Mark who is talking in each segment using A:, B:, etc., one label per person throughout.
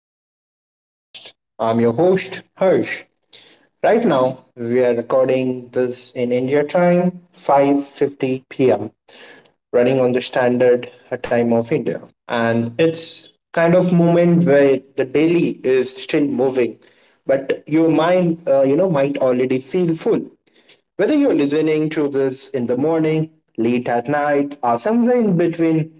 A: of the podcast. I'm your host, Harsh. Right now, we are recording this in India time, 5:50 p.m., running on the standard time of India, and it's kind of moment where the daily is still moving, but your mind, might already feel full. Whether you're listening to this in the morning, late at night, or somewhere in between,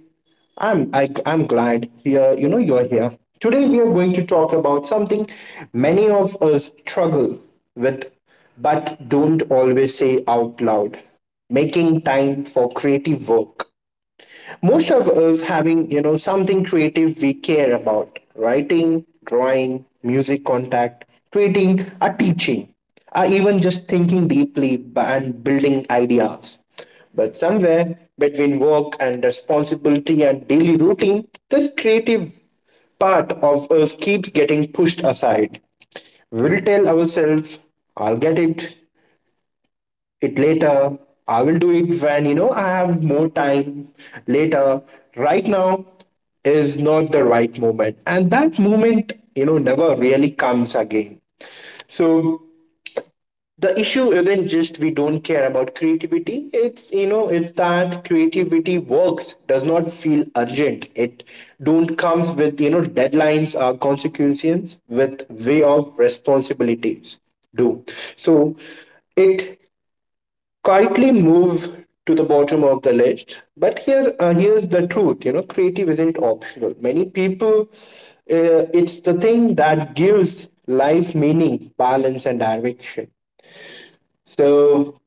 A: I'm glad you're you know you're here. Today we are going to talk about something many of us struggle with, but don't always say out loud: making time for creative work. Most of us having something creative we care about: writing, drawing, music, contact creating, a teaching, or even just thinking deeply and building ideas. But somewhere between work and responsibility and daily routine, this creative part of us keeps getting pushed aside. We'll tell ourselves, I'll get it later. I will do it when I have more time later. Right now is not the right moment, and that moment never really comes again. So the issue isn't just we don't care about creativity. It's you know it's that creativity works does not feel urgent. It don't comes with deadlines or consequences with way of responsibilities do. So it quietly move to the bottom of the list. But here's the truth. Creative isn't optional. Many people, it's the thing that gives life meaning, balance, and direction. So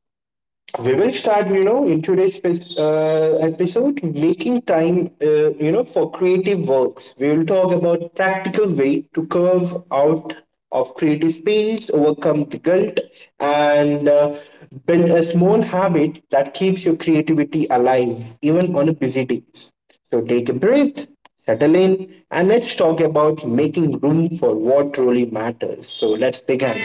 A: we will start, in today's episode, making time, for creative works. We will talk about practical way to curve out of creative space, overcome the guilt, and build a small habit that keeps your creativity alive, even on a busy day. So take a breath, settle in, and let's talk about making room for what really matters. So let's begin.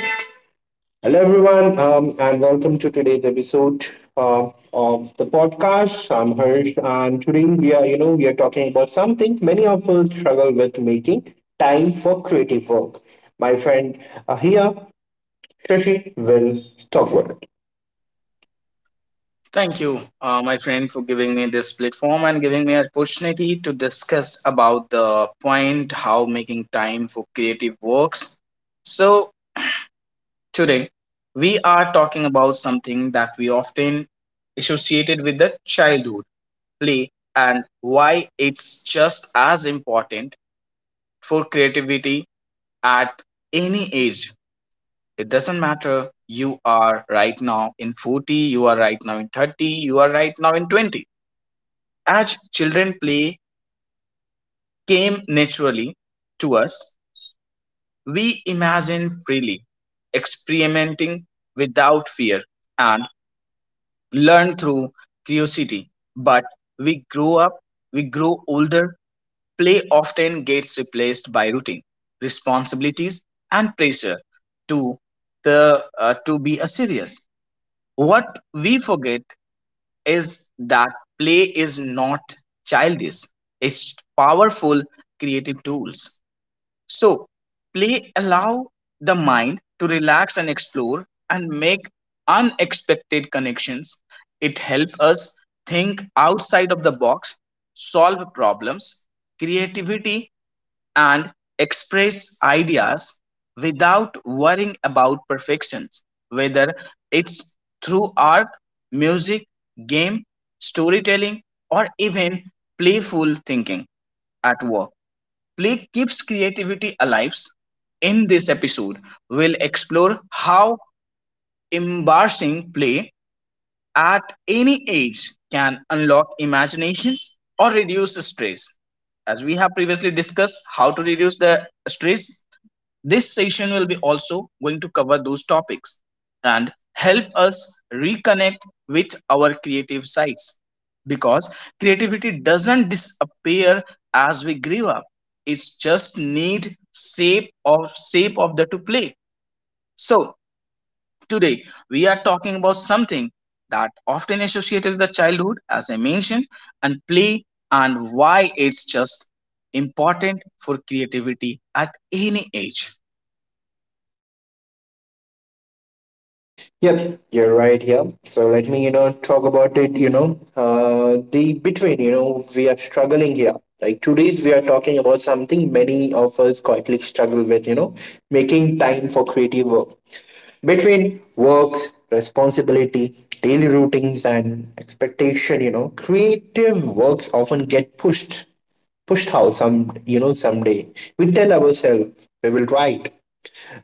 A: Hello, everyone, and welcome to today's episode uh, of the podcast. I'm Harsh, and today we are talking about something many of us struggle with: making time for creative work. My friend here, Shashi, will talk about it.
B: Thank you, my friend, for giving me this platform and giving me an opportunity to discuss about the point how making time for creative works. So, today we are talking about something that we often associated with the childhood play, and why it's just as important for creativity at any age. It doesn't matter you are right now in 40, you are right now in 30, you are right now in 20. As children, play came naturally to us. We imagined freely, experimenting without fear, and learned through curiosity. But we grow up, we grow older, play often gets replaced by routine, responsibilities, and pressure to the to be a serious. What we forget is that play is not childish, it's powerful creative tools. So play allow the mind to relax and explore and make unexpected connections. It help us think outside of the box, solve problems, creativity, and express ideas without worrying about perfections, whether it's through art, music, game, storytelling, or even playful thinking at work. Play keeps creativity alive. In this episode, we'll explore how embracing play at any age can unlock imaginations or reduce stress. As we have previously discussed how to reduce the stress, this session will be also going to cover those topics and help us reconnect with our creative sides, because creativity doesn't disappear as we grow up. It's just need shape or shape of the to play. So today we are talking about something that often associated with the childhood, as I mentioned, and play and why it's just important for creativity at any age.
A: Yep, you're right here. So let me, talk about it. The between, we are struggling here. Like today's, we are talking about something many of us quietly struggle with. Making time for creative work. Between works responsibility, daily routines, and expectation, creative works often get pushed out. Some someday we tell ourselves we will write,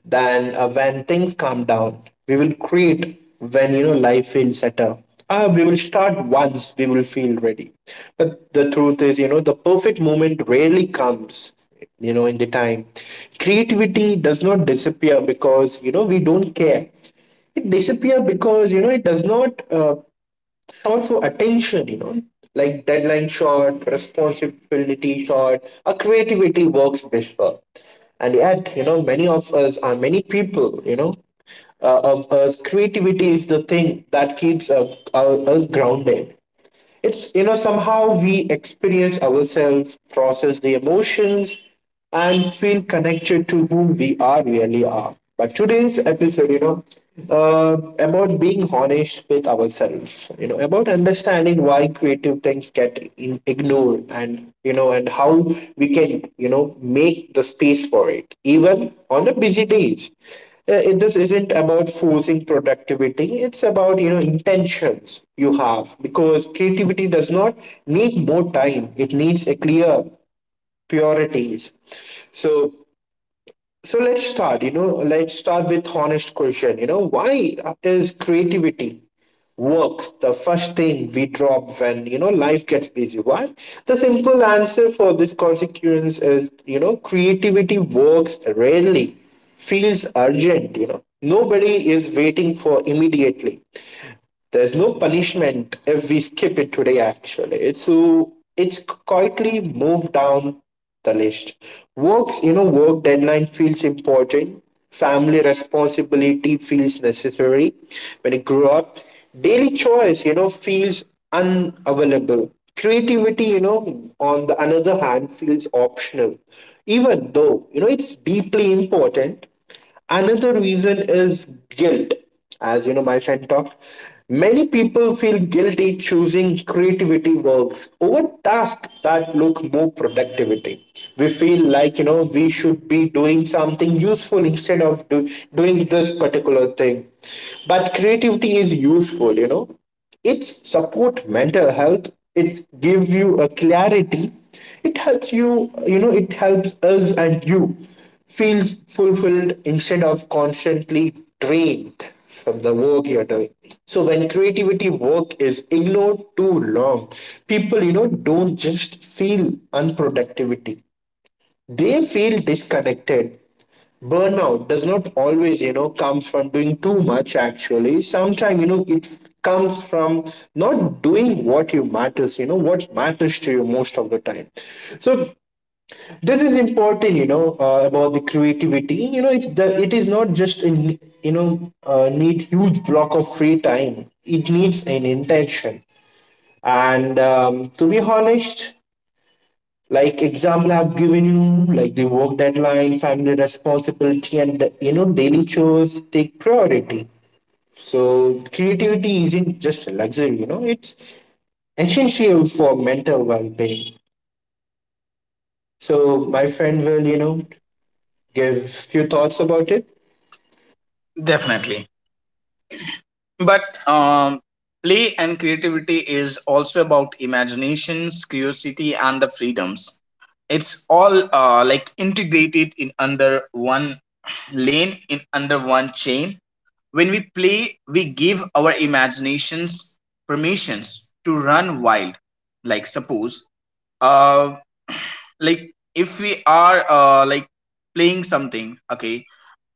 A: then when things calm down. We will create when life feels settled. We will start once we will feel ready. But the truth is, the perfect moment rarely comes in the time. Creativity does not disappear because we don't care. It disappear because it does not shot for attention, like deadline shot, responsibility shot, our creativity works this well. And yet, many of us are many people, of us, creativity is the thing that keeps us grounded. It's somehow we experience ourselves, process the emotions, and feel connected to who we are really are. But today's episode uh, about being honest with ourselves, about understanding why creative things get ignored, and how we can make the space for it, even on the busy days. This isn't about forcing productivity. It's about intentions you have, because creativity does not need more time. It needs a clear priorities. So so let's start, let's start with honest question, why is creativity works the first thing we drop when, life gets busy? Why? The simple answer for this consequence is, creativity works rarely feels urgent. Nobody is waiting for immediately. There's no punishment if we skip it today, actually. It's quietly moved down the list. Works, work deadline feels important. Family responsibility feels necessary. When you grow up, daily choice, feels unavailable. Creativity, on the another hand, feels optional. Even though, it's deeply important. Another reason is guilt. As you know, my friend talked, many people feel guilty choosing creativity works over tasks that look more productivity. We feel like, we should be doing something useful instead of doing this particular thing. But creativity is useful. It's support mental health. It's give you a clarity. It helps you, you know it helps us, and you feels fulfilled instead of constantly drained from the work you're doing. So when creativity work is ignored too long, people don't just feel unproductivity, they feel disconnected. Burnout does not always comes from doing too much. Actually sometimes comes from not doing what you matters, what matters to you most of the time. So this is important, about the creativity, it's the it is not just in, need huge block of free time. It needs an intention. And to be honest, like example I've given you, like the work deadline, family responsibility, and daily chores take priority. So creativity isn't just a luxury, it's essential for mental well-being. So my friend will give few thoughts about it.
B: Definitely. But play and creativity is also about imaginations, curiosity, and the freedoms. It's all like integrated in under one lane, in under one chain. When we play, we give our imaginations permissions to run wild. Like suppose, uh, like if we are like playing something, okay,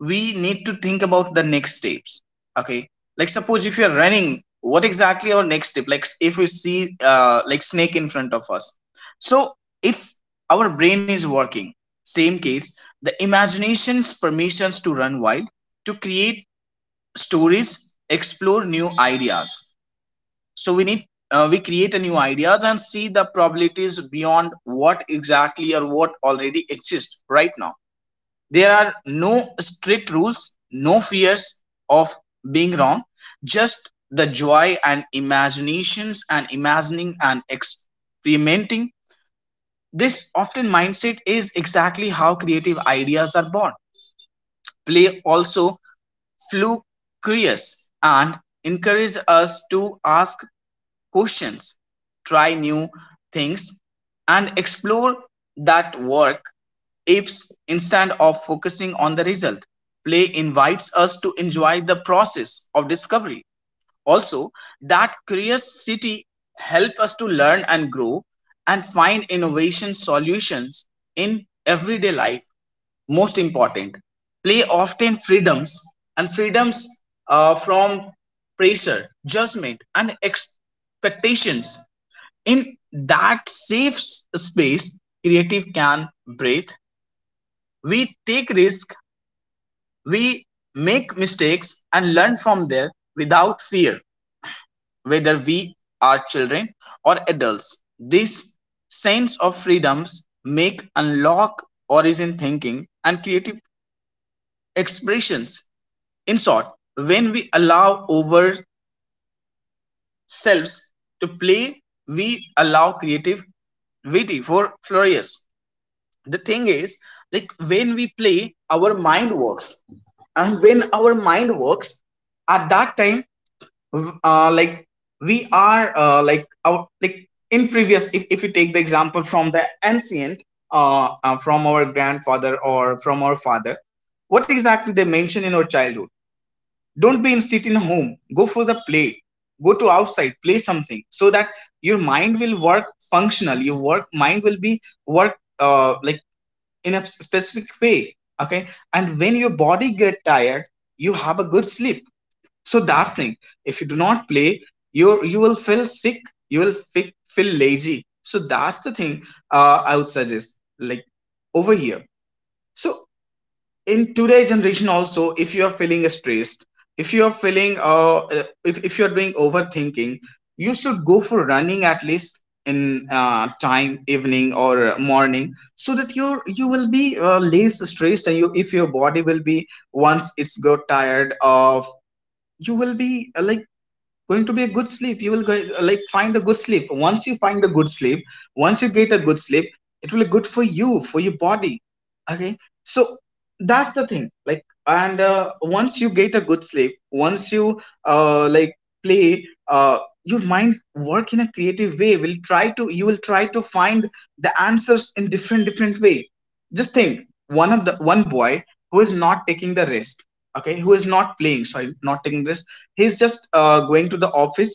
B: we need to think about the next steps. Okay, like suppose if you're running, what exactly our next step, like if we see like snake in front of us. So it's, our brain is working. Same case, the imagination's permissions to run wild, to create stories, explore new ideas. So we need, we create a new ideas and see the probabilities beyond what exactly or what already exists right now. There are no strict rules, no fears of being wrong, just the joy and imaginations and imagining and experimenting. This often mindset is exactly how creative ideas are born. Play also flew curious and encourages us to ask questions, try new things, and explore that work apes instead of focusing on the result. Play invites us to enjoy the process of discovery. Also, that curiosity helps us to learn and grow and find innovation solutions in everyday life. Most important, play often freedoms and freedoms from pressure, judgment, and expectations. In that safe space, creative can breathe. We take risks, we make mistakes and learn from there without fear, whether we are children or adults. This sense of freedoms make unlock origin thinking and creative expressions. In short, when we allow ourselves to play, we allow creativity for flourish. The thing is, like when we play our mind works, and when our mind works, at that time, like we are, like our, like in previous, if we take the example from the ancient, from our grandfather or from our father, what exactly they mention in our childhood. Don't be in sit in home, go for the play, go to outside, play something so that your mind will work functional, your work mind will be work, like in a specific way, okay. And when your body get tired, you have a good sleep. So that's thing, if you do not play, you will feel sick, you will feel lazy, so that's the thing. I would suggest like, over here, so in today generation also, if you are feeling stressed, if you are feeling if you are doing overthinking, you should go for running at least in time evening or morning, so that you will be less stressed. And you, if your body will be once it's got tired of, you will be like going to be a good sleep, you will go, like find a good sleep. Once you find a good sleep, once you get a good sleep, it will be good for you, for your body. Okay. So that's the thing, like. And once you get a good sleep, once you like play, your mind work in a creative way, will try to, you will try to find the answers in different different way. Just think, one of the one boy who is not taking the rest. Okay, who is not playing, sorry, not taking risk. He's just going to the office,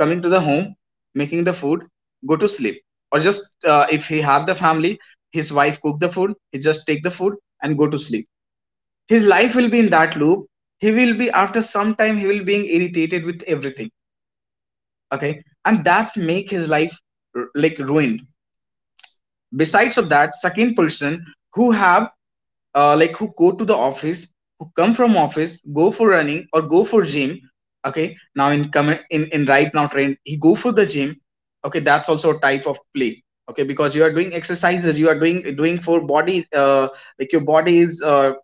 B: coming to the home, making the food, go to sleep. Or just if he have the family, his wife cook the food, he just take the food and go to sleep. His life will be in that loop. He will be, after some time he will being irritated with everything. Okay, and that's make his life like ruined. Besides of that, second person who have like, who go to the office, who come from office, go for running or go for gym. Okay, now in comment, in right now trend, he go for the gym. Okay, that's also a type of play. Okay, because you are doing exercises, you are doing for body, like your body is,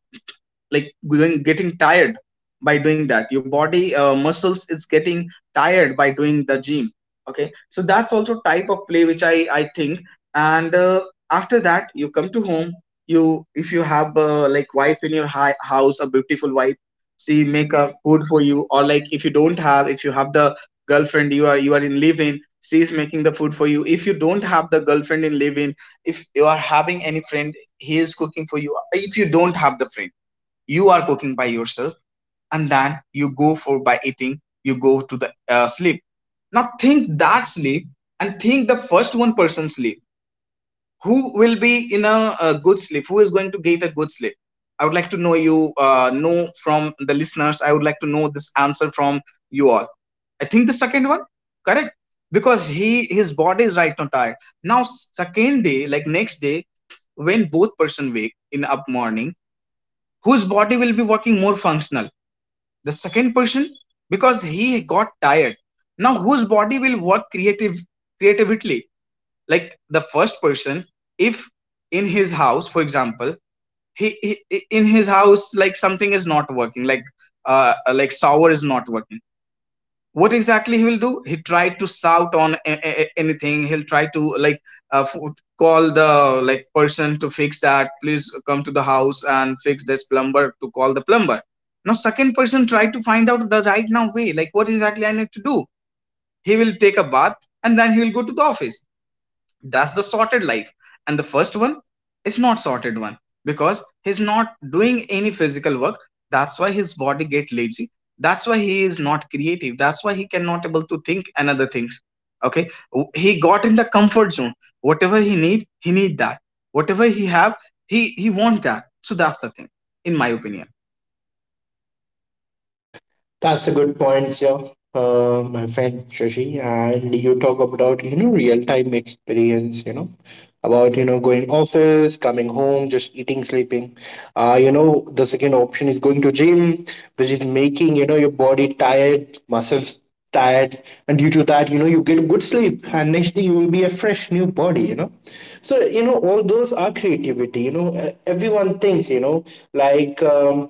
B: like going, getting tired by doing that. Your body muscles is getting tired by doing the gym, okay. So that's also type of play, which I think. And after that you come to home, you, if you have like wife in your house, a beautiful wife, she make a food for you. Or like, if you don't have, if you have the girlfriend, you are in live in, she is making the food for you. If you don't have the girlfriend in live in, if you are having any friend, he is cooking for you. If you don't have the friend, you are cooking by yourself. And then you go for, by eating you go to the sleep. Now think that sleep, and think the first one person sleep. Who will be in a good sleep, who is going to get a good sleep? I would like to know you, know from the listeners, I would like to know this answer from you all. I think the second one, correct, because he, his body is right now tired. Now second day, like next day, when both person wake in up morning, whose body will be working more functional? The second person, because he got tired. Now whose body will work creative, creatively? Like the first person, if in his house, for example, he, he in his house, like something is not working, like shower is not working, what exactly he will do? He tried to shout on anything. He'll try to like uh, f- call the like person to fix that, please come to the house and fix this plumber, to call the plumber. Now second person tried to find out the right now way, like what exactly I need to do. He will take a bath and then he will go to the office. That's the sorted life. And the first one is not sorted one, because he's not doing any physical work, that's why his body get lazy, that's why he is not creative, that's why he cannot able to think and other things. Okay, he got in the comfort zone. Whatever he need, he need that, whatever he have, he want that. So that's the thing, in my opinion.
A: That's a good point, yeah, my friend Shashi. And you talk about real time experience, about going office, coming home, just eating, sleeping. The second option is going to gym, which is making your body tired, muscles tired, and due to that, you get good sleep, and next day you will be a fresh new body. So all those are creativity. Everyone thinks like. Um,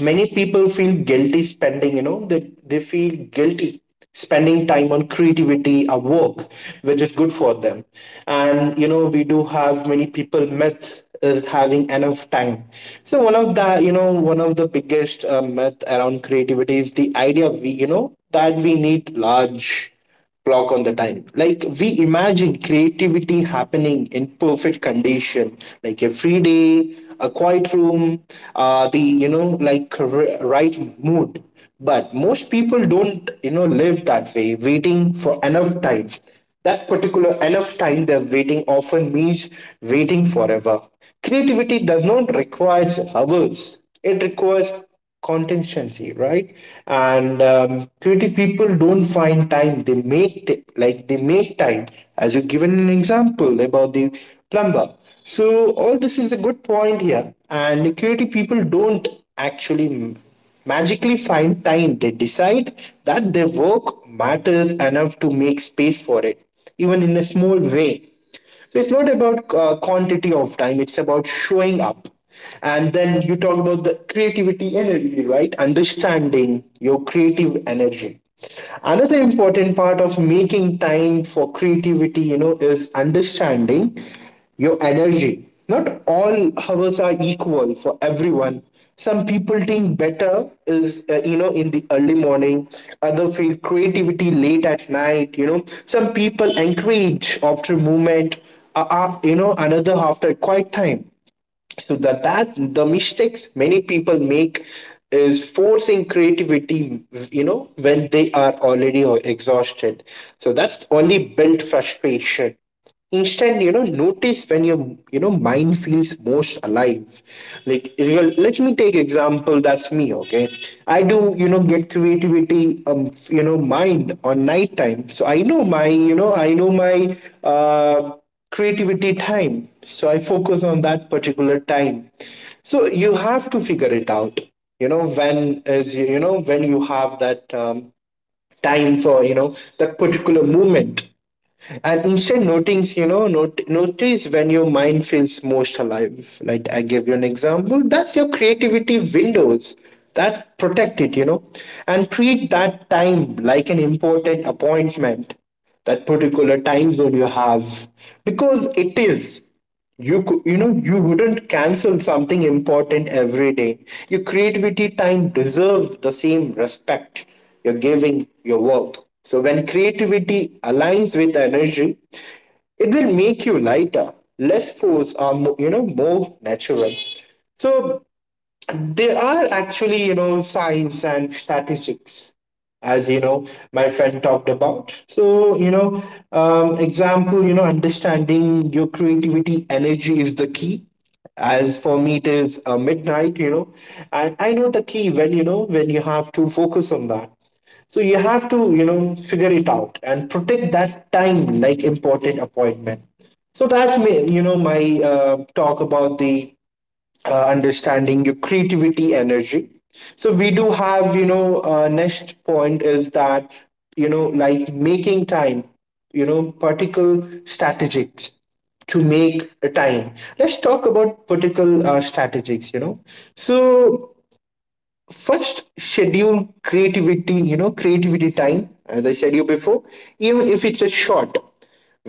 A: many people feel guilty spending, you know they feel guilty spending time on creativity or work which is good for them. And we do have many people myth is having enough time. So one of the, one of the biggest myth around creativity is the idea we you know that we need large clock on the time. Like we imagine creativity happening in perfect condition, like a free day, a quiet room, the you know like right mood. But most people don't, live that way. Waiting for enough time, that particular enough time they're waiting, often means waiting forever. Creativity does not require hours, it requires contingency, right? And creative people don't find time, they make like they make time, as you've given an example about the plumber. So, all this is a good point here, and creative people don't actually magically find time. They decide that their work matters enough to make space for it, even in a small way. So it's not about quantity of time, it's about showing up. And then you talk about the creativity energy, right? Understanding your creative energy. Another important part of making time for creativity, is understanding your energy. Not all hours are equal for everyone. Some people think better is in the early morning. Other feel creativity late at night. Some people encourage after movement. Another after quiet time. So that the mistakes many people make is forcing creativity when they are already exhausted. So that's only built frustration. Instead, notice when your, mind feels most alive. Like, let me take example, that's me, okay. I do, get creativity mind on night time. So I know my uh creativity time. So I focus on that particular time. So you have to figure it out. When is, when you have that time for that particular moment. And instead notice, not, notice when your mind feels most alive, like I gave you an example, that's your creativity windows. That, protect it, and treat that time like an important appointment, that particular time zone you have. Because it is, you could, you wouldn't cancel something important every day. Your creativity time deserves the same respect you're giving your work. So when creativity aligns with energy, it will make you lighter, less force or more natural. So there are actually, signs and statistics, as you know, my friend talked about. So, example, understanding your creativity energy is the key. As for me, it is midnight, and I know the key when you have to focus on that. So you have to, figure it out and protect that time like important appointment. So that's me, my talk about the understanding your creativity energy. So we do have, next point is that, like making time, particle strategies to make a time. Let's talk about particle strategies. So first, schedule creativity, creativity time. As I said you before, even if it's a short,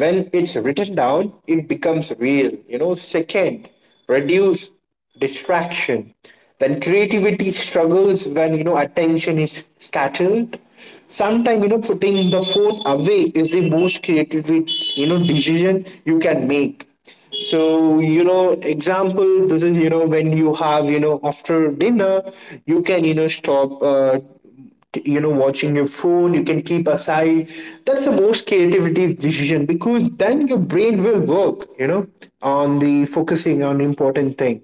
A: when it's written down it becomes real. Second, reduce distraction. Then creativity struggles when, attention is scattered. Sometimes, putting the phone away is the most creative, decision you can make. So, example, this is, when you have, after dinner, you can, stop watching your phone, you can keep aside. That's the most creativity decision, because then your brain will work, on the focusing on important thing.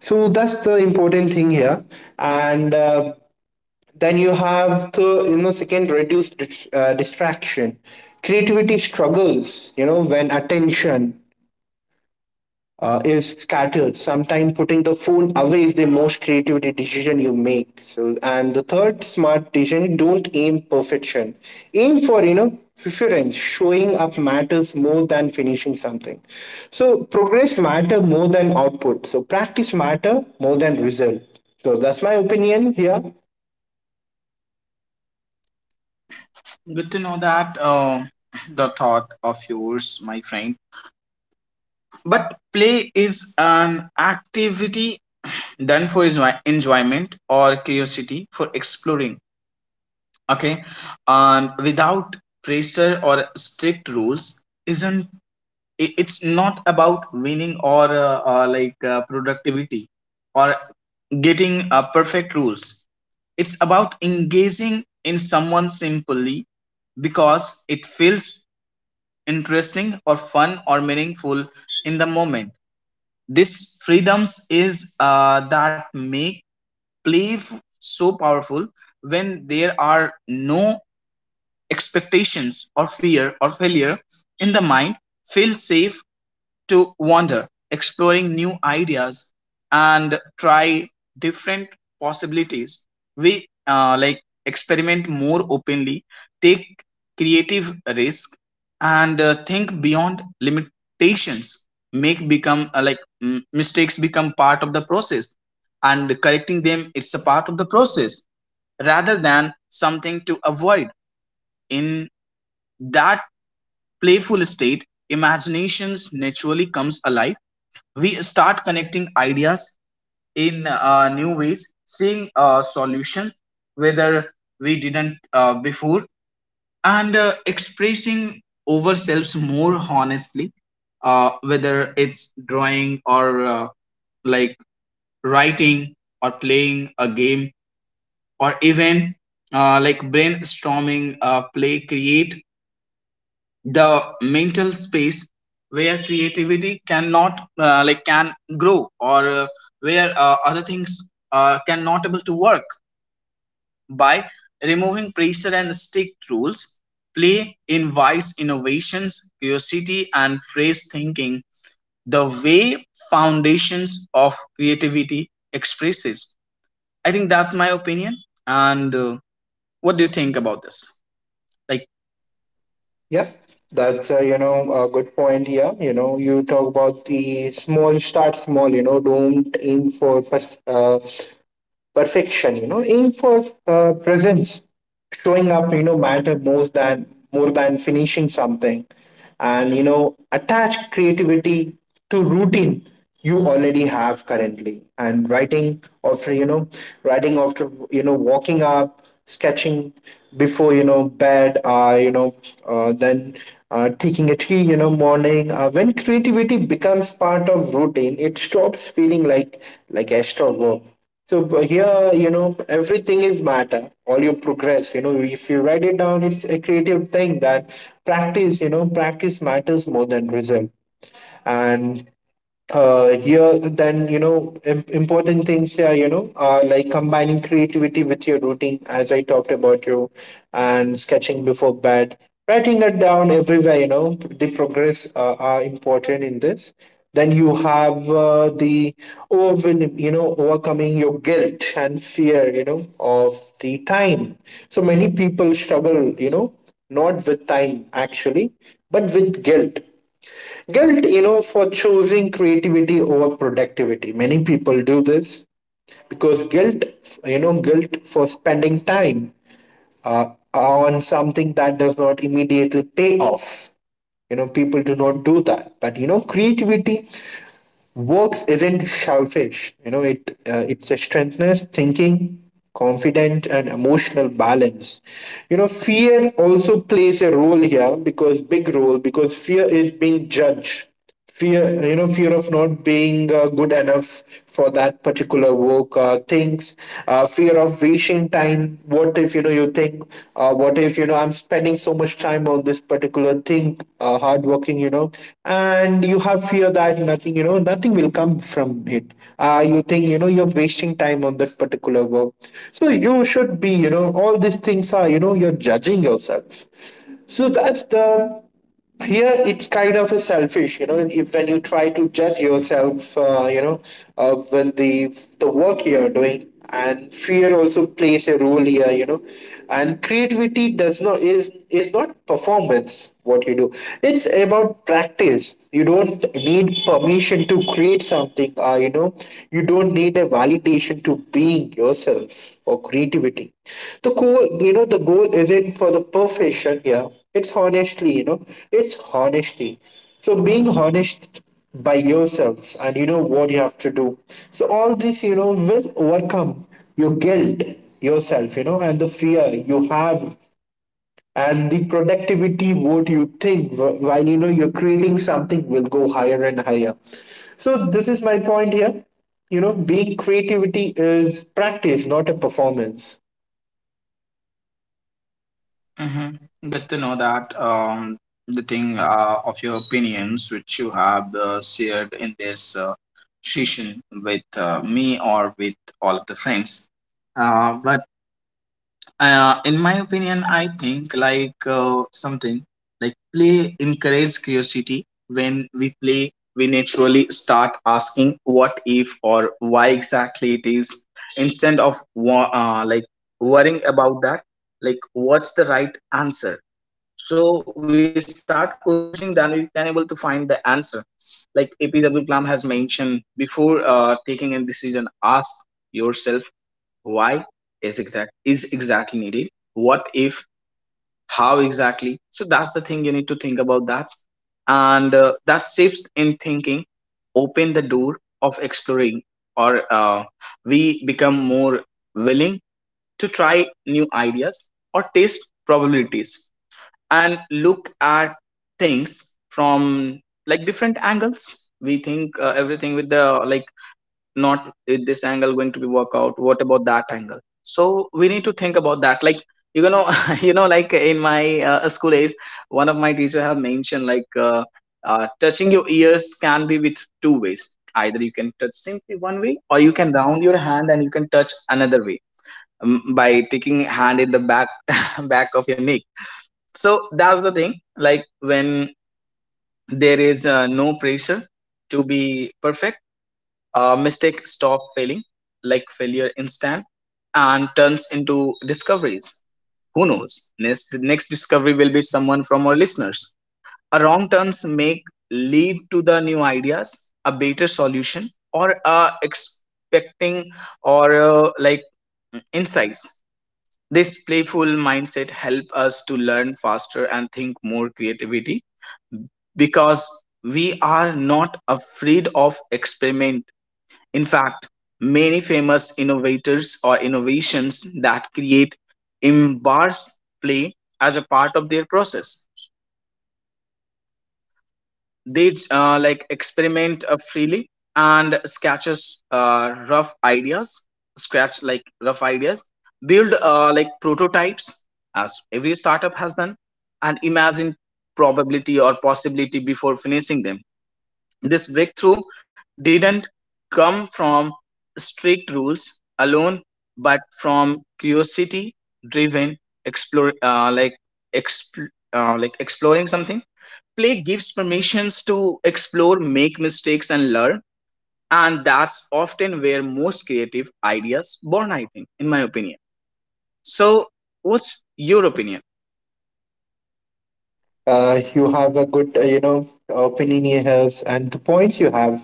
A: So that's the important thing here. And then you have the, second reduce distraction. Creativity struggles, when attention is scattered. Sometimes putting the phone away is the most creativity decision you make. So, and the third smart decision: don't aim perfection. Aim for, preference. Showing up matters more than finishing something. So progress matter more than output. So practice matter more than result. So that's my opinion here.
B: Good to know that, the thought of yours my friend. But play is an activity done for enjoyment or curiosity for exploring, okay, and without pressure or strict rules. Isn't, it's not about winning or like productivity, or getting perfect rules. It's about engaging in someone simply because it feels interesting or fun or meaningful in the moment. This freedoms is, that make believe so powerful. When there are no expectations or fear or failure, in the mind feel safe to wander, exploring new ideas and try different possibilities. We, like experiment more openly, take creative risk, and think beyond limitations. Make become, like mistakes become part of the process, and correcting them it's a part of the process rather than something to avoid. In that playful state, imaginations naturally comes alive. We start connecting ideas in new ways, seeing solutions whether we didn't before, and expressing ourselves more honestly, whether it's drawing or like writing or playing a game or even brainstorming. Play create the mental space where creativity cannot like can grow, or where other things cannot able to work. By removing pressure and strict rules, play invites innovations, curiosity, and phrase thinking, the way foundations of creativity expresses. I think that's my opinion, and what do you think about this, like
A: Yeah. That's a good point here. You talk about the small, start small. Don't aim for perfection, aim for presence, showing up, matter more than finishing something. And attach creativity to routine you already have currently, and writing after, walking up, sketching before, bed, then taking a tea, morning. Uh, when creativity becomes part of routine, it stops feeling like extra work. So here, everything is matter. All your progress, if you write it down, it's a creative thing that practice, practice matters more than result. And here, then, important things here, are like combining creativity with your routine as I talked about you, and sketching before bed, writing it down everywhere, the progress are important in this. Then you have the overwhelm, overcoming your guilt and fear, of the time. So many people struggle, not with time actually, but with guilt. Guilt, for choosing creativity over productivity. Many people do this because guilt, for spending time uh, on something that does not immediately pay off. People do not do that, but creativity works isn't selfish. It strengthens thinking, confident, and emotional balance. Fear also plays a role here, because big role, because fear is being judged. Fear of not being good enough for that particular work, things, fear of wasting time. What if, you think, what if, I'm spending so much time on this particular thing, hard working, and you have fear that nothing, will come from it. You think, you're wasting time on that particular work. So you should be, all these things are, you're judging yourself. So that's the here, it's kind of a selfish, if when you try to judge yourself, when the work you're doing, and fear also plays a role here. And creativity does not, is not performance what you do. It's about practice. You don't need permission to create something. You don't need a validation to being yourself or creativity. The goal isn't for the perfection here. It's honestly, it's honesty. So being honest by yourself, and you know what you have to do, so all this, will overcome your guilt yourself, and the fear you have, and the productivity what you think while, you're creating something, will go higher and higher. So this is my point here. Being creativity is practice, not a performance.
B: Mm-hmm. Good to know that, the thing of your opinions which you have shared in this session with me or with all of the friends. But In my opinion, I think like something like play encourages curiosity. When we play, we naturally start asking what if, or why exactly it is, instead of worrying about that. Like, what's the right answer? So we start questioning, then we can able to find the answer. Like AP Abdul Kalam has mentioned, before taking a decision, ask yourself why. Is it that is exactly needed? What if? How exactly? So that's the thing you need to think about that. And that shifts in thinking open the door of exploring, or uh, we become more willing to try new ideas or test probabilities, and look at things from like different angles. We think everything with the, not with this angle going to be work out, what about that angle? So we need to think about that. Like, you know, you know, like in my school days, one of my teacher have mentioned, like, touching your ears can be with two ways. Either you can touch simply one way, or you can round your hand and you can touch another way, by taking hand in the back, back of your neck. So that's the thing. Like, when there is no pressure to be perfect, mistake stop failing, like failure instant, and turns into discoveries. Who knows, next discovery will be someone from our listeners. A wrong turns make lead to the new ideas, a better solution, or expecting, or insights. This playful mindset help us to learn faster and think more creativity, because we are not afraid of experiment. In fact, many famous innovators or innovations that create embrace play as a part of their process. They experiment freely, and sketches rough ideas, scratch like rough ideas, build prototypes as every startup has done, and imagine probability or possibility before finessing them. This breakthrough didn't come from strict rules alone, but from curiosity-driven explore, like exp- like exploring something. Play gives permissions to explore, make mistakes, and learn, and that's often where most creative ideas born, I think, in my opinion. So, what's your opinion?
A: You have a good, opinion here, and the points you have,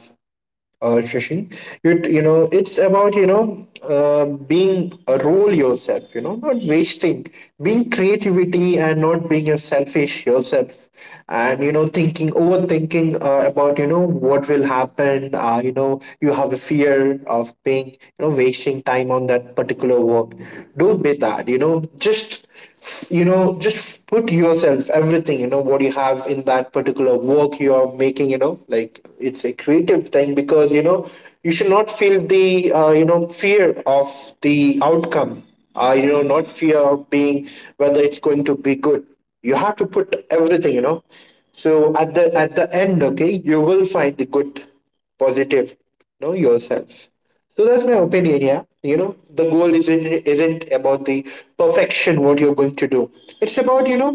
A: Shashi. It's about, being a role yourself. Not wasting, being creativity and not being a selfish yourself, and thinking, overthinking, about, what will happen. You have a fear of being, wasting time on that particular work. Don't be that. Just put yourself everything you know what you have in that particular work you are making, like it's a creative thing, because, you should not feel the, fear of the outcome, not fear of being whether it's going to be good. You have to put everything. So at the, at the end, okay, you will find the good positive, yourself. So that's my opinion, yeah. The goal isn't, about the perfection what you're going to do. It's about, you know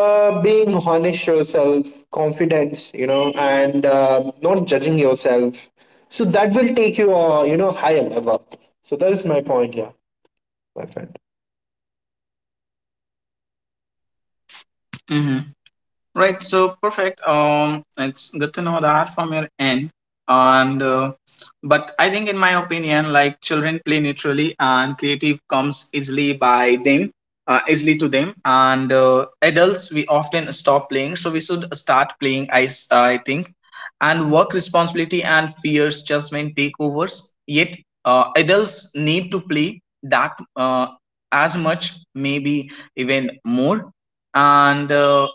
A: uh, being honest yourself, confidence, and not judging yourself. So that will take you, you know higher level. So that is my point, yeah, my friend.
B: Right, so perfect. It's good to know that from your end. And but I think, in my opinion, like children play naturally, and creative comes easily by them, easily to them. And adults, we often stop playing, so we should start playing, I think, and work responsibility and fears, judgment, takeovers. Yet, adults need to play that as much, maybe even more. And uh,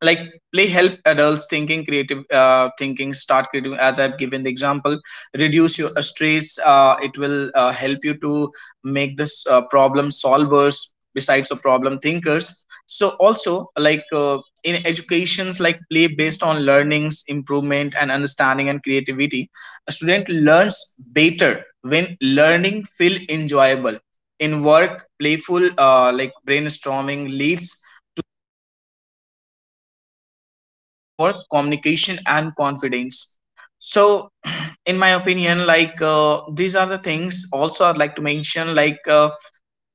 B: like play help adults thinking start creative, as I've given the example. Reduce your stress. It will help you to make this problem solvers besides the problem thinkers. So also, like, in educations, like play based on learnings improvement, and understanding, and creativity. A student learns better when learning feel enjoyable. In work, playful brainstorming leads teamwork, communication, and confidence. So in my opinion, like, these are the things also I'd like to mention, like,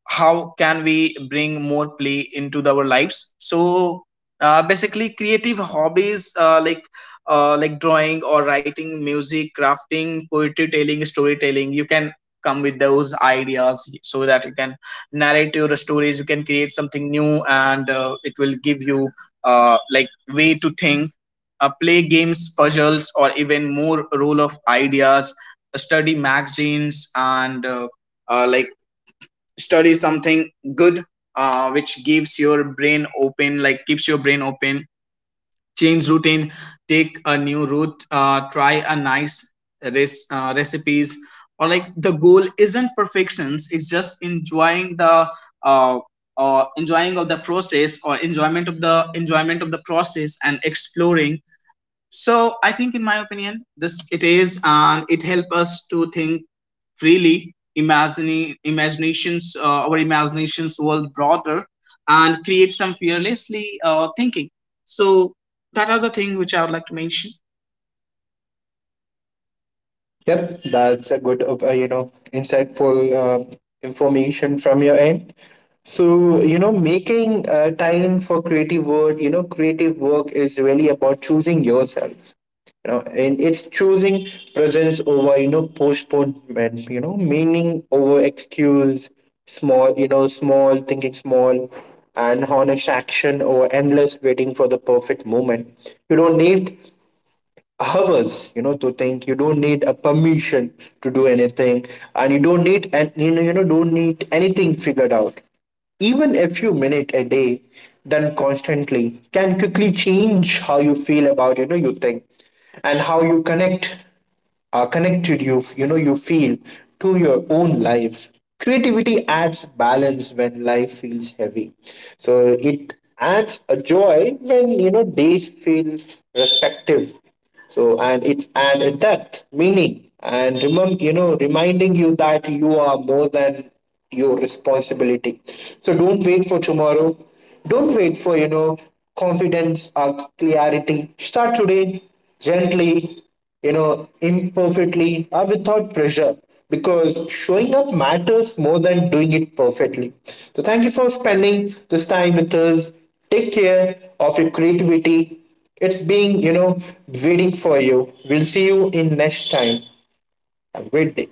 B: how can we bring more play into our lives. So basically, creative hobbies, drawing or writing, music, crafting, poetry telling, storytelling. You can come with those ideas so that you can narrate your stories, you can create something new, and it will give you way to think. Play games, puzzles, or even more role of ideas, study magazines, and uh, like study something good, which gives your brain open, like keeps your brain open. Change routine, take a new route, try a nice recipes. Or, like, the goal isn't perfections, it's just enjoying the, uh, enjoying of the process, or enjoyment of the process and exploring. So I think, in my opinion, this it is, and it helps us to think freely, imagining imaginations our imaginations world broader, and create some fearlessly thinking. So that are the thing which I would like to mention.
A: Yep, that's a good, insightful um information from your end. So, making time for creative work, creative work is really about choosing yourself, and it's choosing presence over, postponement, meaning over excuse, small, thinking small, and honest action over endless waiting for the perfect moment. You don't need hours, to think. You don't need a permission to do anything, and don't need anything figured out. Even a few minutes a day, done constantly, can quickly change how you feel about, you think, and how you connected, you feel, to your own life. Creativity adds balance when life feels heavy. So it adds a joy when, days feel respective. So, and it's add a depth meaning. And remember, reminding you that you are more than your responsibility. So don't wait for tomorrow. Don't wait for, confidence or clarity. Start today, gently, imperfectly, or without pressure, because showing up matters more than doing it perfectly. So, thank you for spending this time with us. Take care of your creativity. It's being, waiting for you. We'll see you in next time. Have a great day.